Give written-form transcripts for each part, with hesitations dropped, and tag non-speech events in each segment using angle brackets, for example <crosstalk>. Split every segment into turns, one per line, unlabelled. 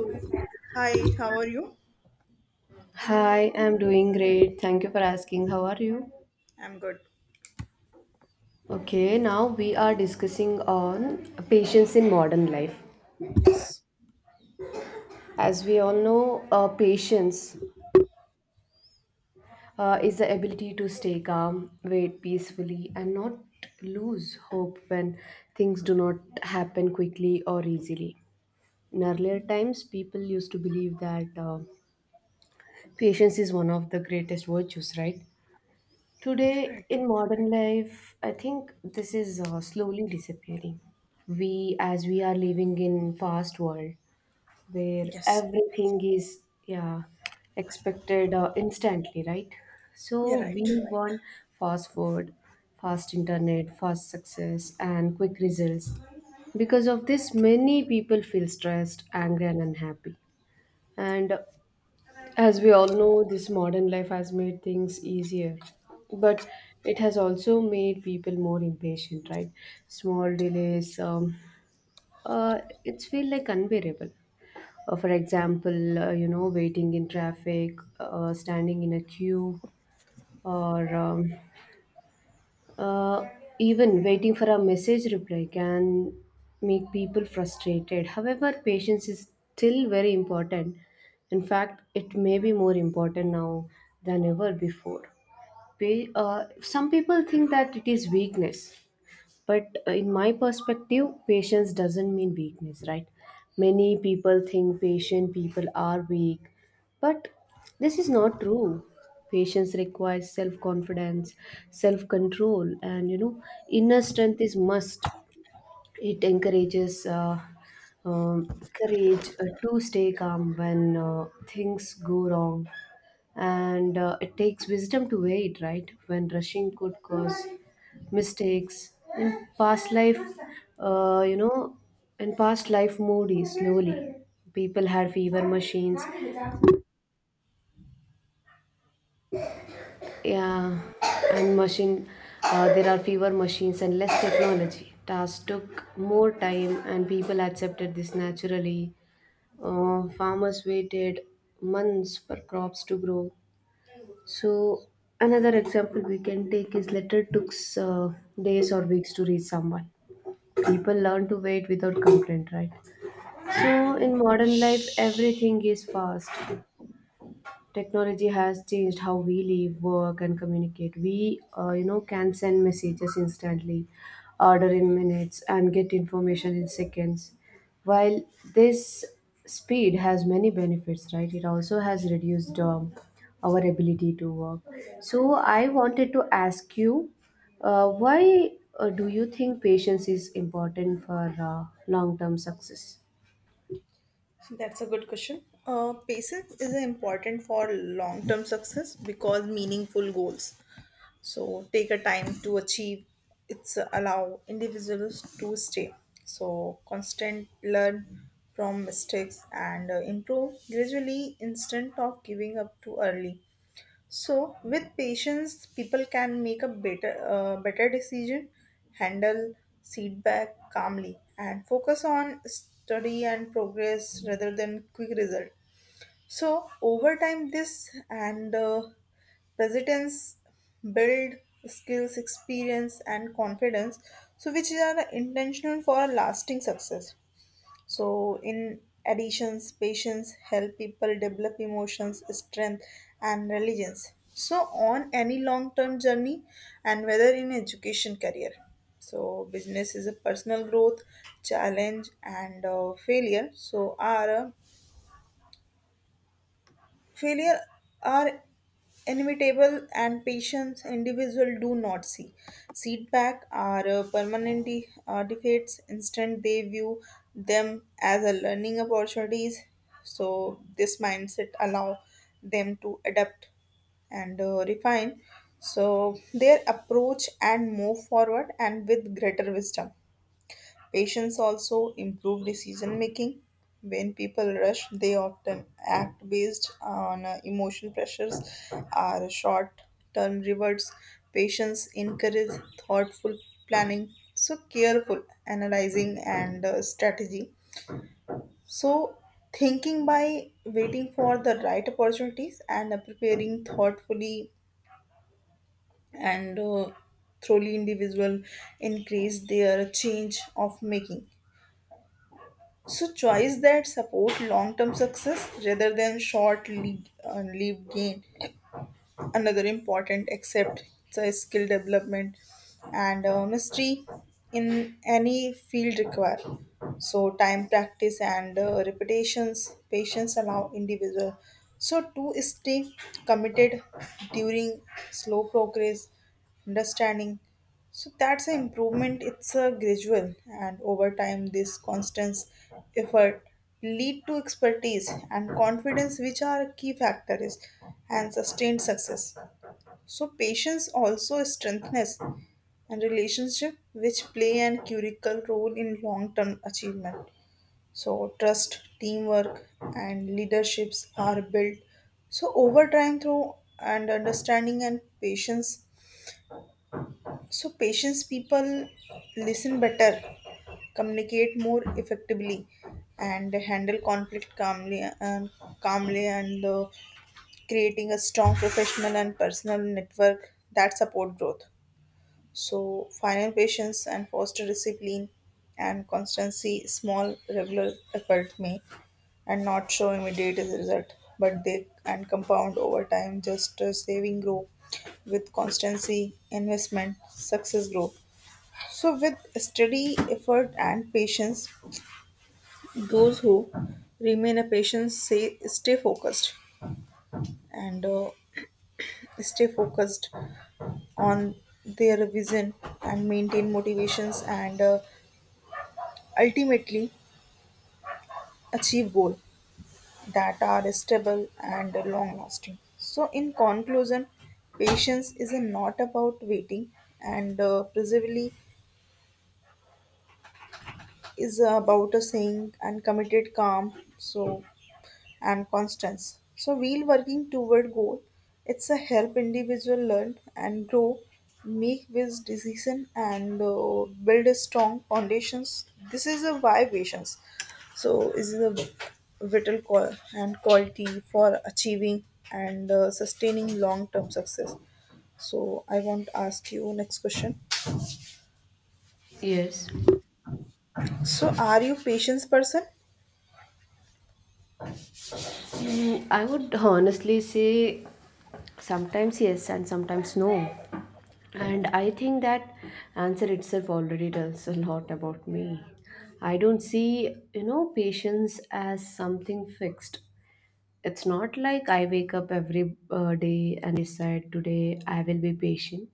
So, hi, how are you?
Hi, I'm doing great. Thank you for asking. How are you?
I'm good.
Okay, now we are discussing on patience in modern life.
Yes.
As we all know, patience is the ability to stay calm, wait peacefully, and not lose hope when things do not happen quickly or easily. In earlier
Mhm.
times, people used to believe that patience is one of the greatest virtues, right? Today,
Right.
in modern life, I think this is slowly disappearing. As we are living in fast world where
Yes.
everything is yeah expected instantly, right?
You're
So we
right.
want fast food, fast internet, fast success, and quick results. Because of this, many people feel stressed, angry, and unhappy. And as we all know, this modern life has made things easier, but it has also made people more impatient, right? Small delays, it's feel like unbearable. For example, you know, waiting in traffic, standing in a queue, or uh, even waiting for a message reply can make people frustrated. However, patience is still very important. In fact, it may be more important now than ever before. Some people think that it is weakness, but in my perspective patience doesn't mean weakness, right? Many people think patient people are weak, but this is not true. Patience requires self confidence, self control, and, you know, inner strength is must. It encourages courage to stay calm when things go wrong. And it takes wisdom to wait, right? When rushing could cause mistakes. In past life, you know, in past life, moody, slowly. People had fever machines. Yeah, and machine, there are fewer machines and less technology. Tasks took more time, and people accepted this naturally. Farmers waited months for crops to grow. So, another example we can take is letter took days or weeks to reach someone. People learn to wait without complaint, right? So,
Right.
in modern life, everything is fast. Technology has changed how we live, work, and communicate. We, you know, can send messages instantly, order in minutes, and get information in seconds. While this speed has many benefits, right? It also has reduced our ability to work. So I wanted to ask you, why do you think patience is important for long-term success?
That's a good question. Passive is important for long-term success because meaningful goals. So take a time to achieve. It's allow individuals to stay. So constant learn from mistakes and improve gradually instead of giving up too early. So, with patience, people can make a better decision, handle feedback calmly, and focus on study and progress rather than quick result. So, over time, this and resilience build skills, experience, and confidence. So, which are intentional for lasting success. So, in additions, patients help people develop emotions, strength, and religions. So, on any long term journey, and whether in education career. So, business is a personal growth, challenge, and failure. So, are a failure are inevitable and patients individual do not see setback are permanent defeats, instead they view them as a learning opportunities. So this mindset allow them to adapt and refine so their approach and move forward and with greater wisdom. Patience also improve decision making. When people rush, they often act based on emotion pressures or short term rewards. Patience encourage thoughtful planning, so careful analyzing and strategy. So thinking by waiting for the right opportunities and preparing thoughtfully and thoroughly individual increase their change of making. So choice that support long-term success rather than short-lived lived gain. Another important except it's a skill development and mastery in any field require. So time, practice, and repetitions, patience allow individual. So to stay committed during slow progress, understanding so that's an improvement. It's a gradual, and over time, this constant effort lead to expertise and confidence, which are key factors, and sustained success. So patience also strengthens and relationship, which play an critical role in long-term achievement. So trust, teamwork, and leaderships are built. So over time, through and understanding and patience so, patience people listen better, communicate more effectively, and handle conflict calmly and creating a strong professional and personal network that support growth. So, final patience and foster discipline and constancy, small regular effort may and not show immediate result, but they and compound over time, just saving grow with constancy, investment, success grow. So, with steady effort and patience, those who remain a patient say and uh, stay focused on their vision and maintain motivations and ultimately achieve goal that are stable and long lasting. So, in conclusion, patience is not about waiting and perseverance is about a saying and committed calm. So, and constance. So while working toward goal, it's a help individual learn and grow, make wise decision and build a strong foundations. This is a why patience. So is a vital call and quality for achieving and sustaining long term success. So I want to ask you next question.
Yes.
So are you patience person?
Mm, I would honestly say sometimes yes and sometimes no. And I think that answer itself already tells a lot about me. I don't see, you know, patience as something fixed. It's not like I wake up every day and decide today I will be patient.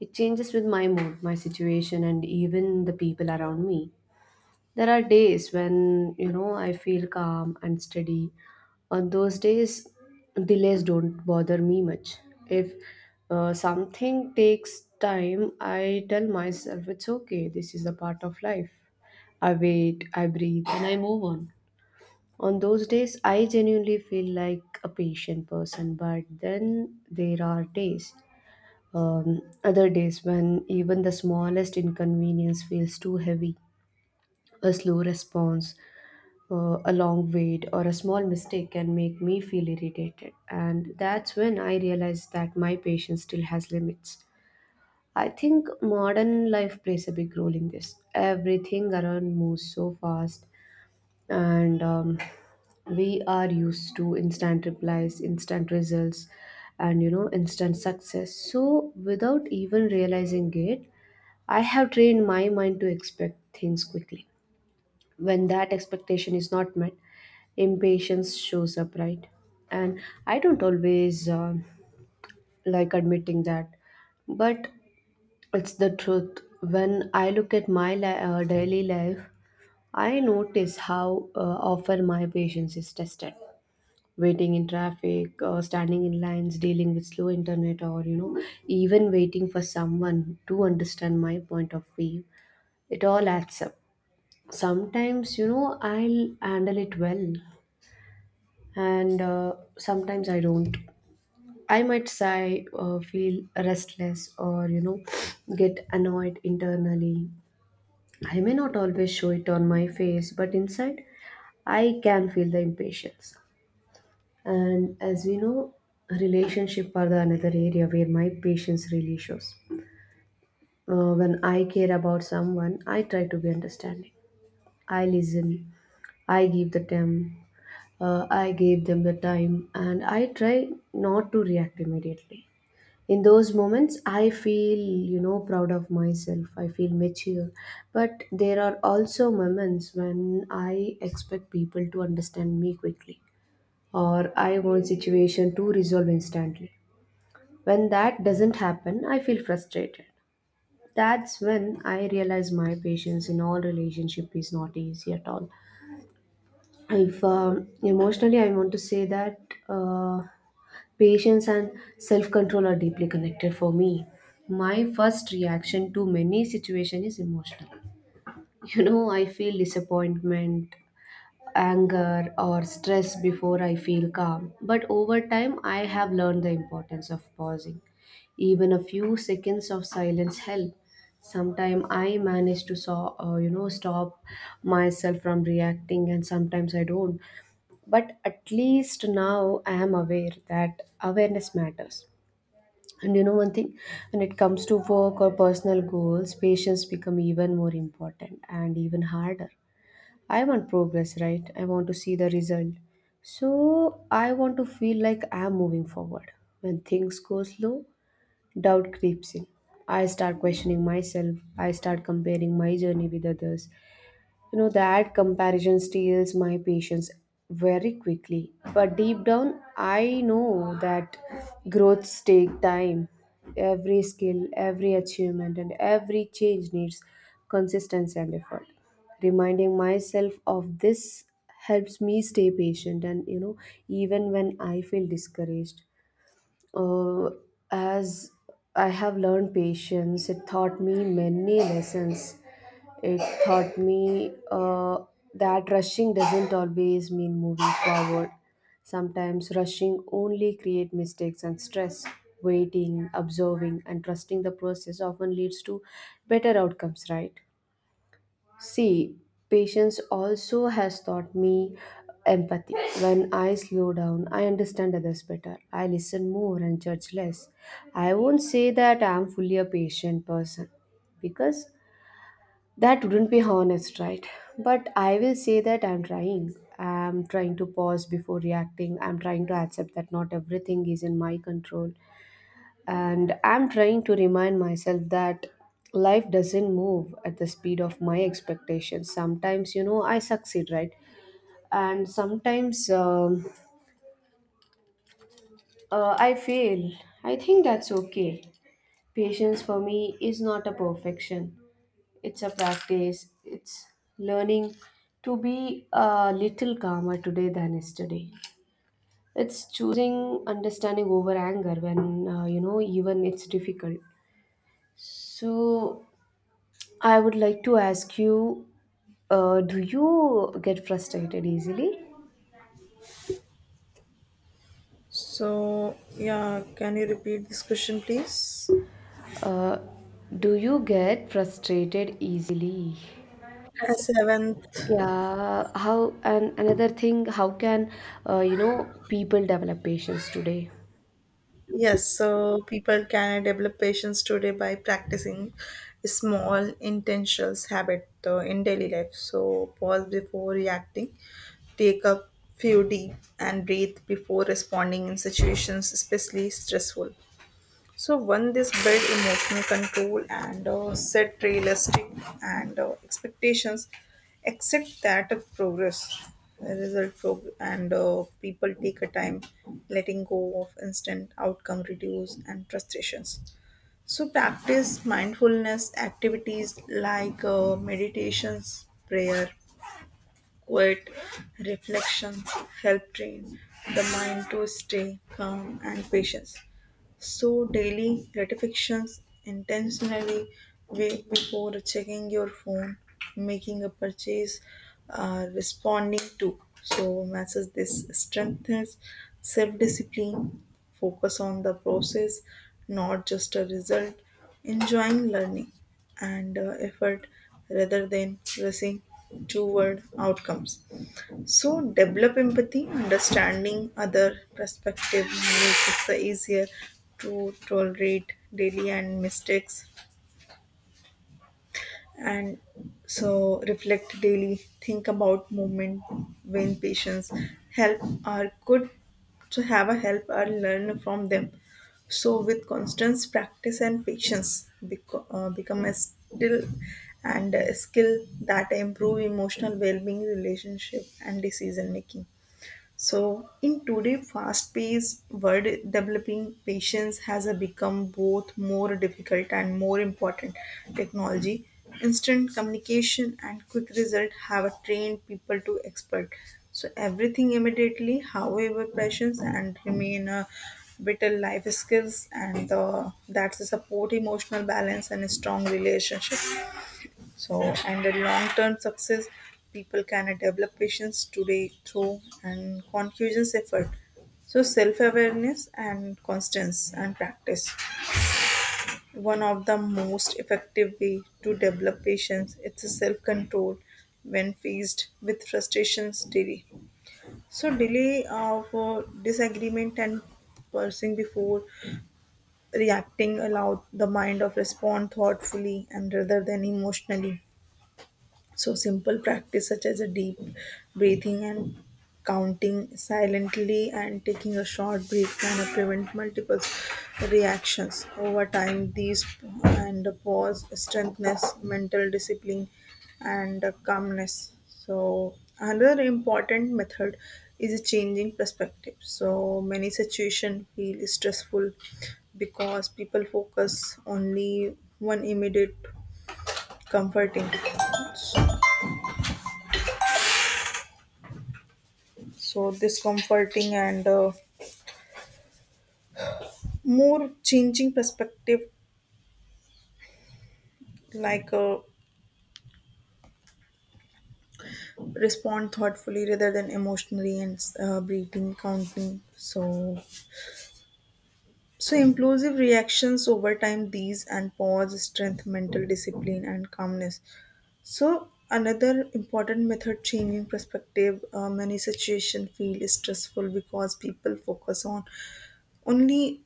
It changes with my mood, my situation, and even the people around me. There are days when, you know, I feel calm and steady. On those days, delays don't bother me much. If something takes time, I tell myself it's okay, this is a part of life. I wait, I breathe, and I move on. On those days, I genuinely feel like a patient person, but then there are days, other days when even the smallest inconvenience feels too heavy, a slow response, a long wait, or a small mistake can make me feel irritated. And that's when I realize that my patience still has limits. I think modern life plays a big role in this. Everything around moves so fast, and we are used to instant replies, instant results, and, you know, instant success. So without even realizing it, I have trained my mind to expect things quickly. When that expectation is not met, impatience shows up, right? And I don't always like admitting that, but it's the truth. When I look at my daily life, I notice how often my patience is tested. Waiting in traffic, standing in lines, dealing with slow internet, or, you know, even waiting for someone to understand my point of view, it all adds up. Sometimes, you know, I'll handle it well, and sometimes I don't. I might sigh or feel restless or, you know, get annoyed internally. I may not always show it on my face, but inside I can feel the impatience. And as we know, relationship are the another area where my patience really shows. When I care about someone, I try to be understanding. I listen. I give the time. I gave them the time, and I try not to react immediately. In those moments I feel, you know, proud of myself. I feel mature, but there are also moments when I expect people to understand me quickly, or I want situation to resolve instantly. When that doesn't happen, I feel frustrated. That's when I realize my patience in all relationship is not easy at all. If emotionally I want to say that, uh, patience and self control are deeply connected for me. My first reaction to many situations is emotional. You know, I feel disappointment, anger, or stress before I feel calm. But over time, I have learned the importance of pausing. Even a few seconds of silence help. Sometimes I manage to saw, you know, stop myself from reacting, and sometimes I don't. But at least now I am aware that awareness matters. And you know one thing, when it comes to work or personal goals, patience become even more important and even harder. I want progress, right? I want to see the result. So I want to feel like I'm moving forward. When things go slow, doubt creeps in. I start questioning myself. I start comparing my journey with others. You know, that comparison steals my patience very quickly. But deep down, I know that growths take time. Every skill, every achievement, and every change needs consistency and effort. Reminding myself of this helps me stay patient and, you know, even when I feel discouraged. Uh, as I have learned patience, it taught me many lessons. It taught me that rushing doesn't always mean moving forward. Sometimes rushing only create mistakes and stress. Waiting, observing, and trusting the process often leads to better outcomes, right? See, patience also has taught me empathy. When I slow down, I understand others better. I listen more and judge less. I won't say that I'm fully a patient person because that wouldn't be honest, right? But I will say that I'm trying. I'm trying to pause before reacting. I'm trying to accept that not everything is in my control. And I'm trying to remind myself that life doesn't move at the speed of my expectations. Sometimes, you know, I succeed, right? And sometimes I fail. I think that's okay. Patience for me is not a perfection, it's a practice. It's learning to be a little calmer today than yesterday. It's choosing understanding over anger when, you know, even it's difficult. So, I would like to ask you, do you get frustrated easily?
So yeah, can you repeat this question please?
Uh, do you get frustrated easily?
A seventh.
Yeah, how and another thing, how can, you know, people develop patience today?
Yes, so people can develop patience today by practicing small intentional habit in daily life. So pause before reacting, take a few deep and breathe before responding in situations especially stressful. So one, this build emotional control and set realistic and expectations. Accept that a progress a result prog- and people take a time. Letting go of instant outcome reduce and frustrations. So practice mindfulness activities like meditations, prayer, quiet reflection, help train the mind to stay calm and patient. So, daily gratifications intentionally wait before checking your phone, making a purchase, responding to. So, messages. This strengthens self discipline, focus on the process, not just a result, enjoying learning and effort rather than rushing toward outcomes. So develop empathy, understanding other perspective makes it so easier to tolerate daily and mistakes. And so reflect daily, think about movement, win patience, help are good to have a help or learn from them. So with constant practice and patience become a still and a skill that improve emotional well-being, relationship and decision making. So, in today's fast paced world, developing patience has a become both more difficult and more important. Technology, instant communication, and quick result have a trained people to expert. So, everything immediately, however, patience and remain a vital life skills, and that's the support, emotional balance, and a strong relationship. So, and the long term success, people can develop patience today through and conscious effort. So, self awareness and constance and practice. One of the most effective way to develop patience it's a self control when faced with frustrations daily. So, delay of disagreement and pausing before reacting allow the mind of respond thoughtfully and rather than emotionally. So, simple practice such as a deep breathing and counting silently and taking a short break can prevent multiple reactions over time. These and the pause strengthens mental discipline and calmness. So, another important method is a changing perspective. So, many situations feel stressful because people focus only one immediate comforting. So this comforting and more changing perspective like respond thoughtfully rather than emotionally and breathing counting so so impulsive reactions over time these and pause strength mental discipline and calmness. So another important method changing perspective, many situations feel stressful because people focus on only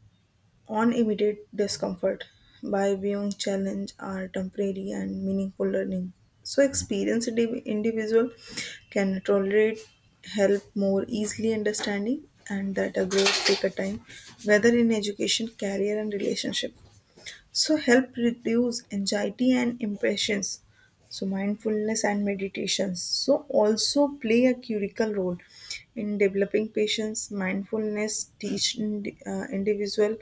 on immediate discomfort. By viewing challenge are temporary and meaningful learning. So experienced individual can tolerate help more easily, understanding and that a growth take a time, whether in education, career and relationship. So help reduce anxiety and impressions. So mindfulness and meditations so also play a critical role in developing patience. Mindfulness teach individual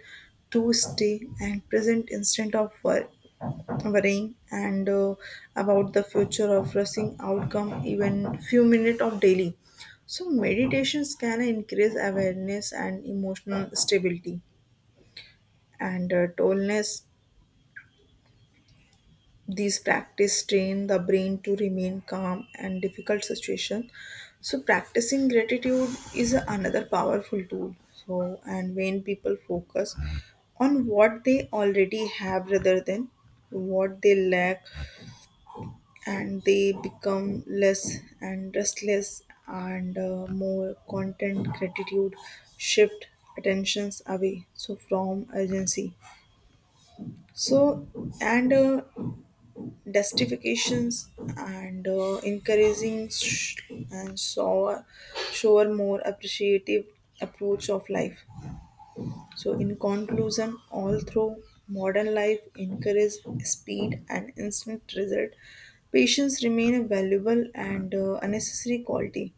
to stay and present instead of worrying and about the future of rushing outcome even few minutes of daily. So meditations can increase awareness and emotional stability and tallness. These practice train the brain to remain calm and difficult situation. So practicing gratitude is another powerful tool. So and when people focus on what they already have rather than what they lack and they become less and restless and more content. Gratitude shift attentions away so from urgency, so and justifications and encouraging sh- and show a more appreciative approach of life. So, in conclusion, although modern life encourages speed and instant result, patience remain a valuable and unnecessary quality.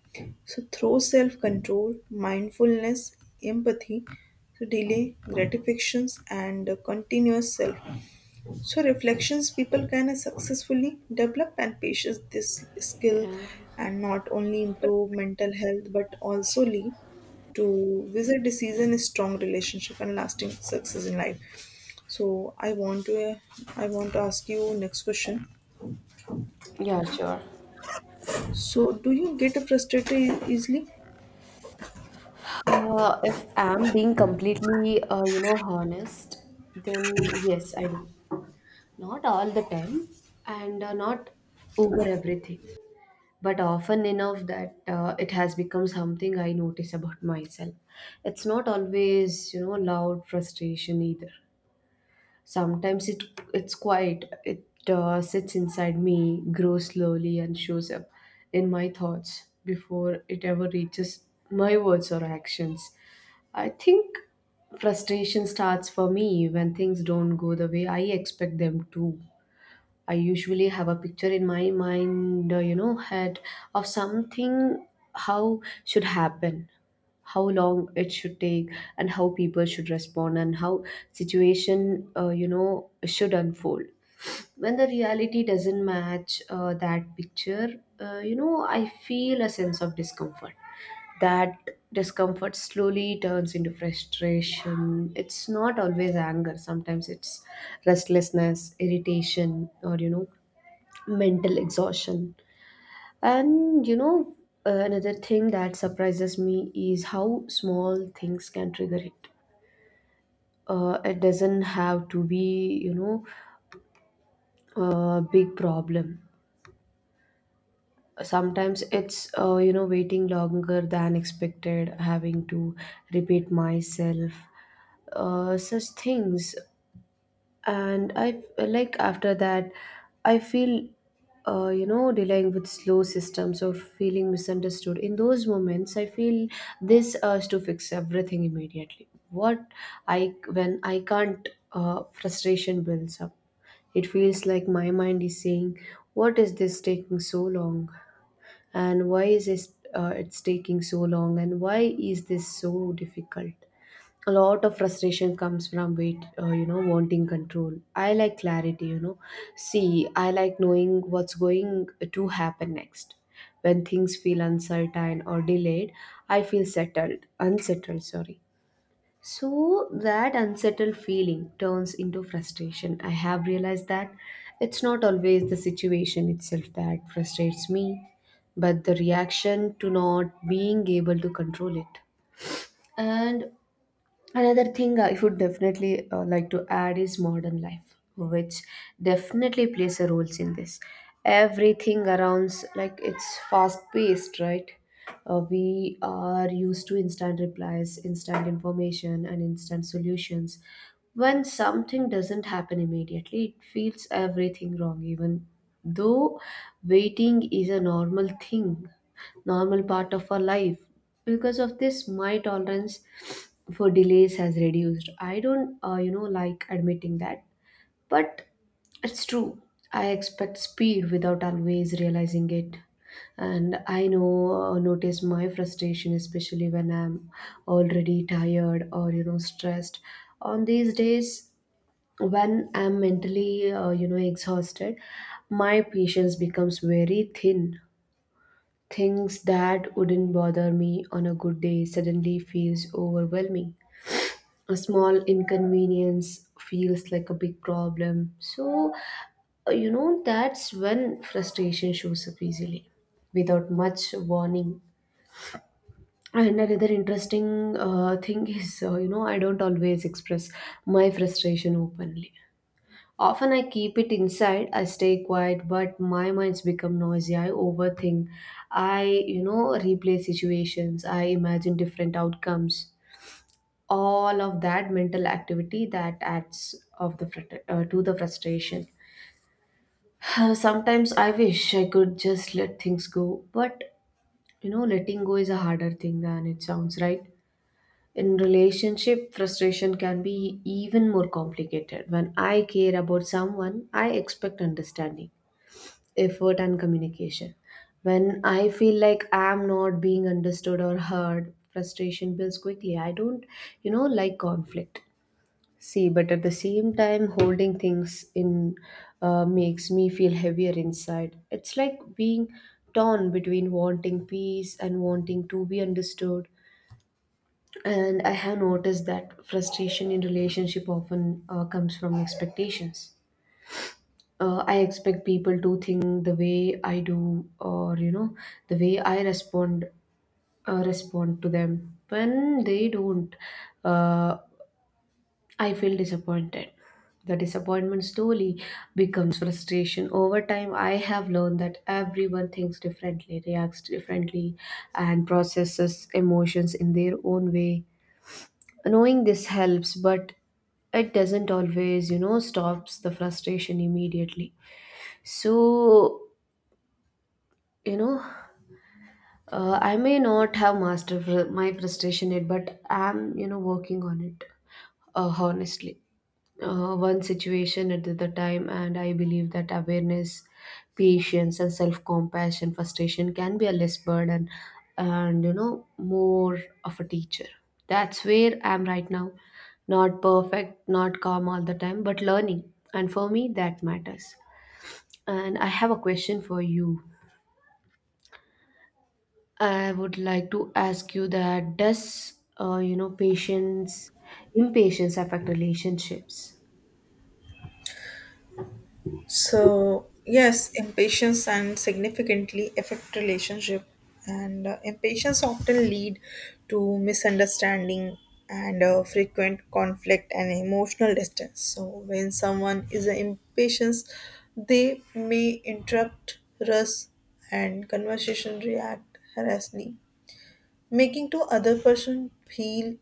So, through self-control, mindfulness, empathy, so delay gratifications and continuous self so reflections, people can successfully develop and patience this skill,
Yeah,
and not only improve mental health but also lead to visit decision is strong relationship and lasting success in life. So I want to ask you next question.
yeah, sure.
So do you get frustrated easily?
If I'm being completely, you know, honest, then yes, I do. Not all the time, and not over everything, but often enough that it has become something I notice about myself. It's not always, you know, loud frustration either. Sometimes it's quiet. It sits inside me, grows slowly, and shows up in my thoughts before it ever reaches my words or actions. I think frustration starts for me when things don't go the way I expect them to. I usually have a picture in my mind, you know, head of something, how should happen, how long it should take, and how people should respond, and how situation, you know, should unfold. When the reality doesn't match that picture, you know, I feel a sense of discomfort. That discomfort slowly turns into frustration. It's not always anger. Sometimes it's restlessness, irritation, or, you know, mental exhaustion. And, you know, another thing that surprises me is how small things can trigger it. It doesn't have to be, you know, a big problem. Sometimes it's, you know, waiting longer than expected, having to repeat myself. Such things and I, like after that I feel, you know, dealing with slow systems or feeling misunderstood. In those moments I feel this urge to fix everything immediately. What I When I can't, frustration builds up. It feels like my mind is saying, what is this taking so long, and why is this it's taking so long, and why is this so difficult? A lot of frustration comes from wait you know, wanting control. I like clarity, you know. See, I like knowing what's going to happen next. When things feel uncertain or delayed, I feel settled unsettled, sorry. So that unsettled feeling turns into frustration. I have realized that it's not always the situation itself that frustrates me, but the reaction to not being able to control it. And another thing I would definitely like to add is modern life, which definitely plays a role in this. Everything around, like it's fast paced, right? We are used to instant replies, instant information, and instant solutions. When something doesn't happen immediately, it feels everything wrong, even though waiting is a normal thing normal part of our life. Because of this, my tolerance for delays has reduced. I don't, you know, like admitting that, but it's true. I expect speed without always realizing it. And I notice my frustration, especially when I'm already tired or, you know, stressed. On these days, when I'm mentally, you know, exhausted, my patience becomes very thin. Things that wouldn't bother me on a good day suddenly feels overwhelming. A small inconvenience feels like a big problem. So, you know, that's when frustration shows up easily without much warning. And another interesting thing is, you know, I don't always express my frustration openly. Often I keep it inside, I stay quiet, but my mind's become noisy. I overthink. I, you know, replay situations. I imagine different outcomes. All of that mental activity that adds to the frustration. <sighs> Sometimes I wish I could just let things go, but, you know, letting go is a harder thing than it sounds, right? In relationship, frustration can be even more complicated. When I care about someone, I expect understanding, effort, and communication. When I feel like I'm not being understood or heard, frustration builds quickly. I don't, you know, like conflict. See, but at the same time, holding things in makes me feel heavier inside. It's like being torn between wanting peace and wanting to be understood. And I have noticed that frustration in relationship often comes from expectations. I expect people to think the way I do, or, you know, the way I respond to them. When they don't, uh, I feel disappointed. The disappointment slowly becomes frustration. Over time, I have learned that everyone thinks differently, reacts differently, and processes emotions in their own way. Knowing this helps, but it doesn't always, you know, stops the frustration immediately. So, you know, I may not have mastered my frustration yet, but I'm, you know, working on it, honestly, one situation at the time. And I believe that awareness, patience, and self-compassion, frustration can be a less burden and, you know, more of a teacher. That's where I'm right now. Not perfect, not calm all the time, but learning, and for me that matters. And I have a question for you. I would like to ask you that does, you know, patience impatience affect relationships?
So, yes, impatience and significantly affect relationship and impatience often lead to misunderstanding and frequent conflict and emotional distance. So, when someone is impatient, they may interrupt rush and conversation react harassingly, making to other person feel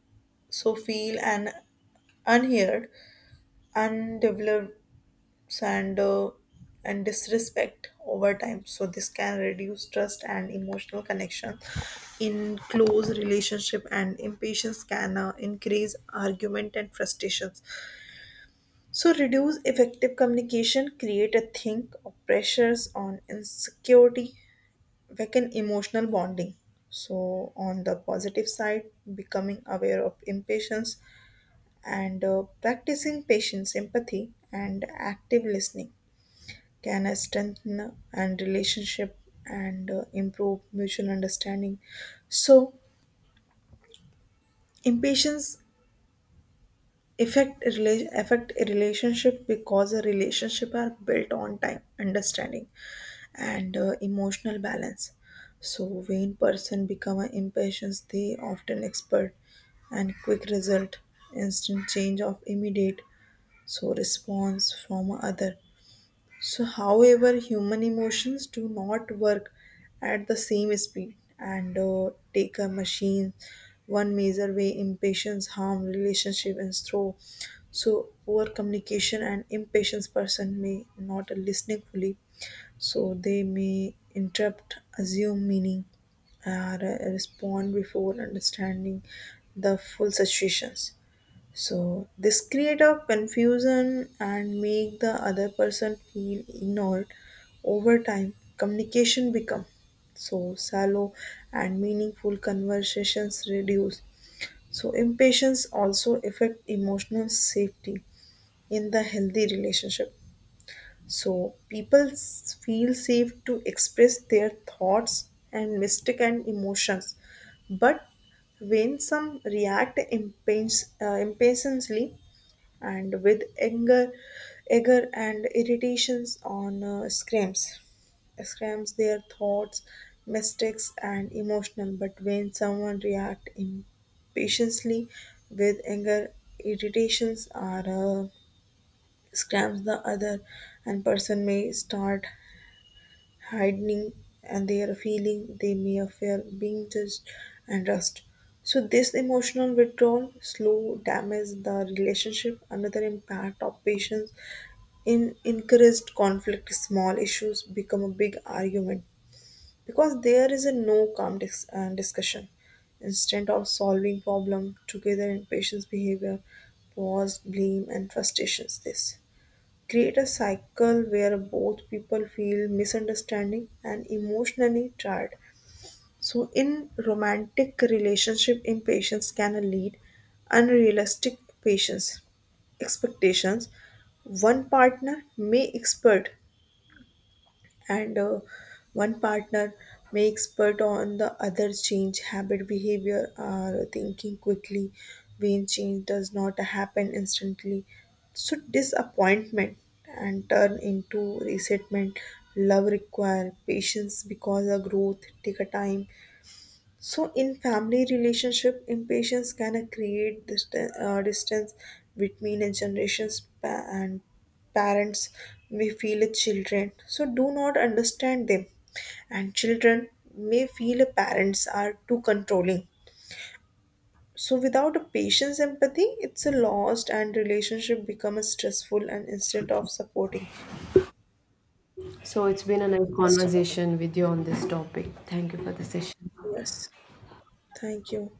so feel and unheard, undeveloped and uh, and disrespect over time. So this can reduce trust and emotional connection in close relationship, and impatience can increase argument and frustrations. So reduce effective communication, create a think of pressures on insecurity, weaken emotional bonding. So on the positive side, becoming aware of impatience and practicing patience empathy and active listening can I strengthen and relationship and improve mutual understanding. So impatience affect a relationship because a relationship are built on time, understanding, and emotional balance. So when person become an impatience they often expert and quick result, instant change of immediate so response from other. So, however, human emotions do not work at the same speed and take a machine. One major way impatience harm relationship and throw, so poor communication and impatience person may not listening fully. So they may interrupt assume meaning or respond before understanding the full situations. So this create a confusion and make the other person feel ignored. Over time, communication become so shallow and meaningful conversations reduce. So impatience also affect emotional safety in the healthy relationship. So people feel safe to express their thoughts and mistake and emotions, but when some react impatiently and with anger, and irritations on screams. Screams their thoughts, mistakes, and emotional. But when someone react impatiently with anger, irritations or screams, the other and person may start hiding and their feeling. They may fear being judged and rust. So this emotional withdrawal slow damage the relationship. Another impact of patience in encouraged conflict, small issues become a big argument because there is a no calm discussion instead of solving problem together in patient's behavior, pause blame and frustrations. This create a cycle where both people feel misunderstanding and emotionally tired. So in romantic relationship impatience can lead unrealistic patience expectations. One partner may expect and uh, one partner makes expert on the other change habit behavior or thinking quickly. When change does not happen instantly so disappointment and turn into resentment. Love require patience because the growth take a time. So, in family relationship, impatience can create distance between a generations pa- and parents may feel a children. So, do not understand them, and children may feel a parents are too controlling. So, without a patience empathy, it's a lost and relationship become a stressful and instead of supporting.
So it's been a nice
So,
conversation with you on this topic. Thank you for the session.
yes, thank you.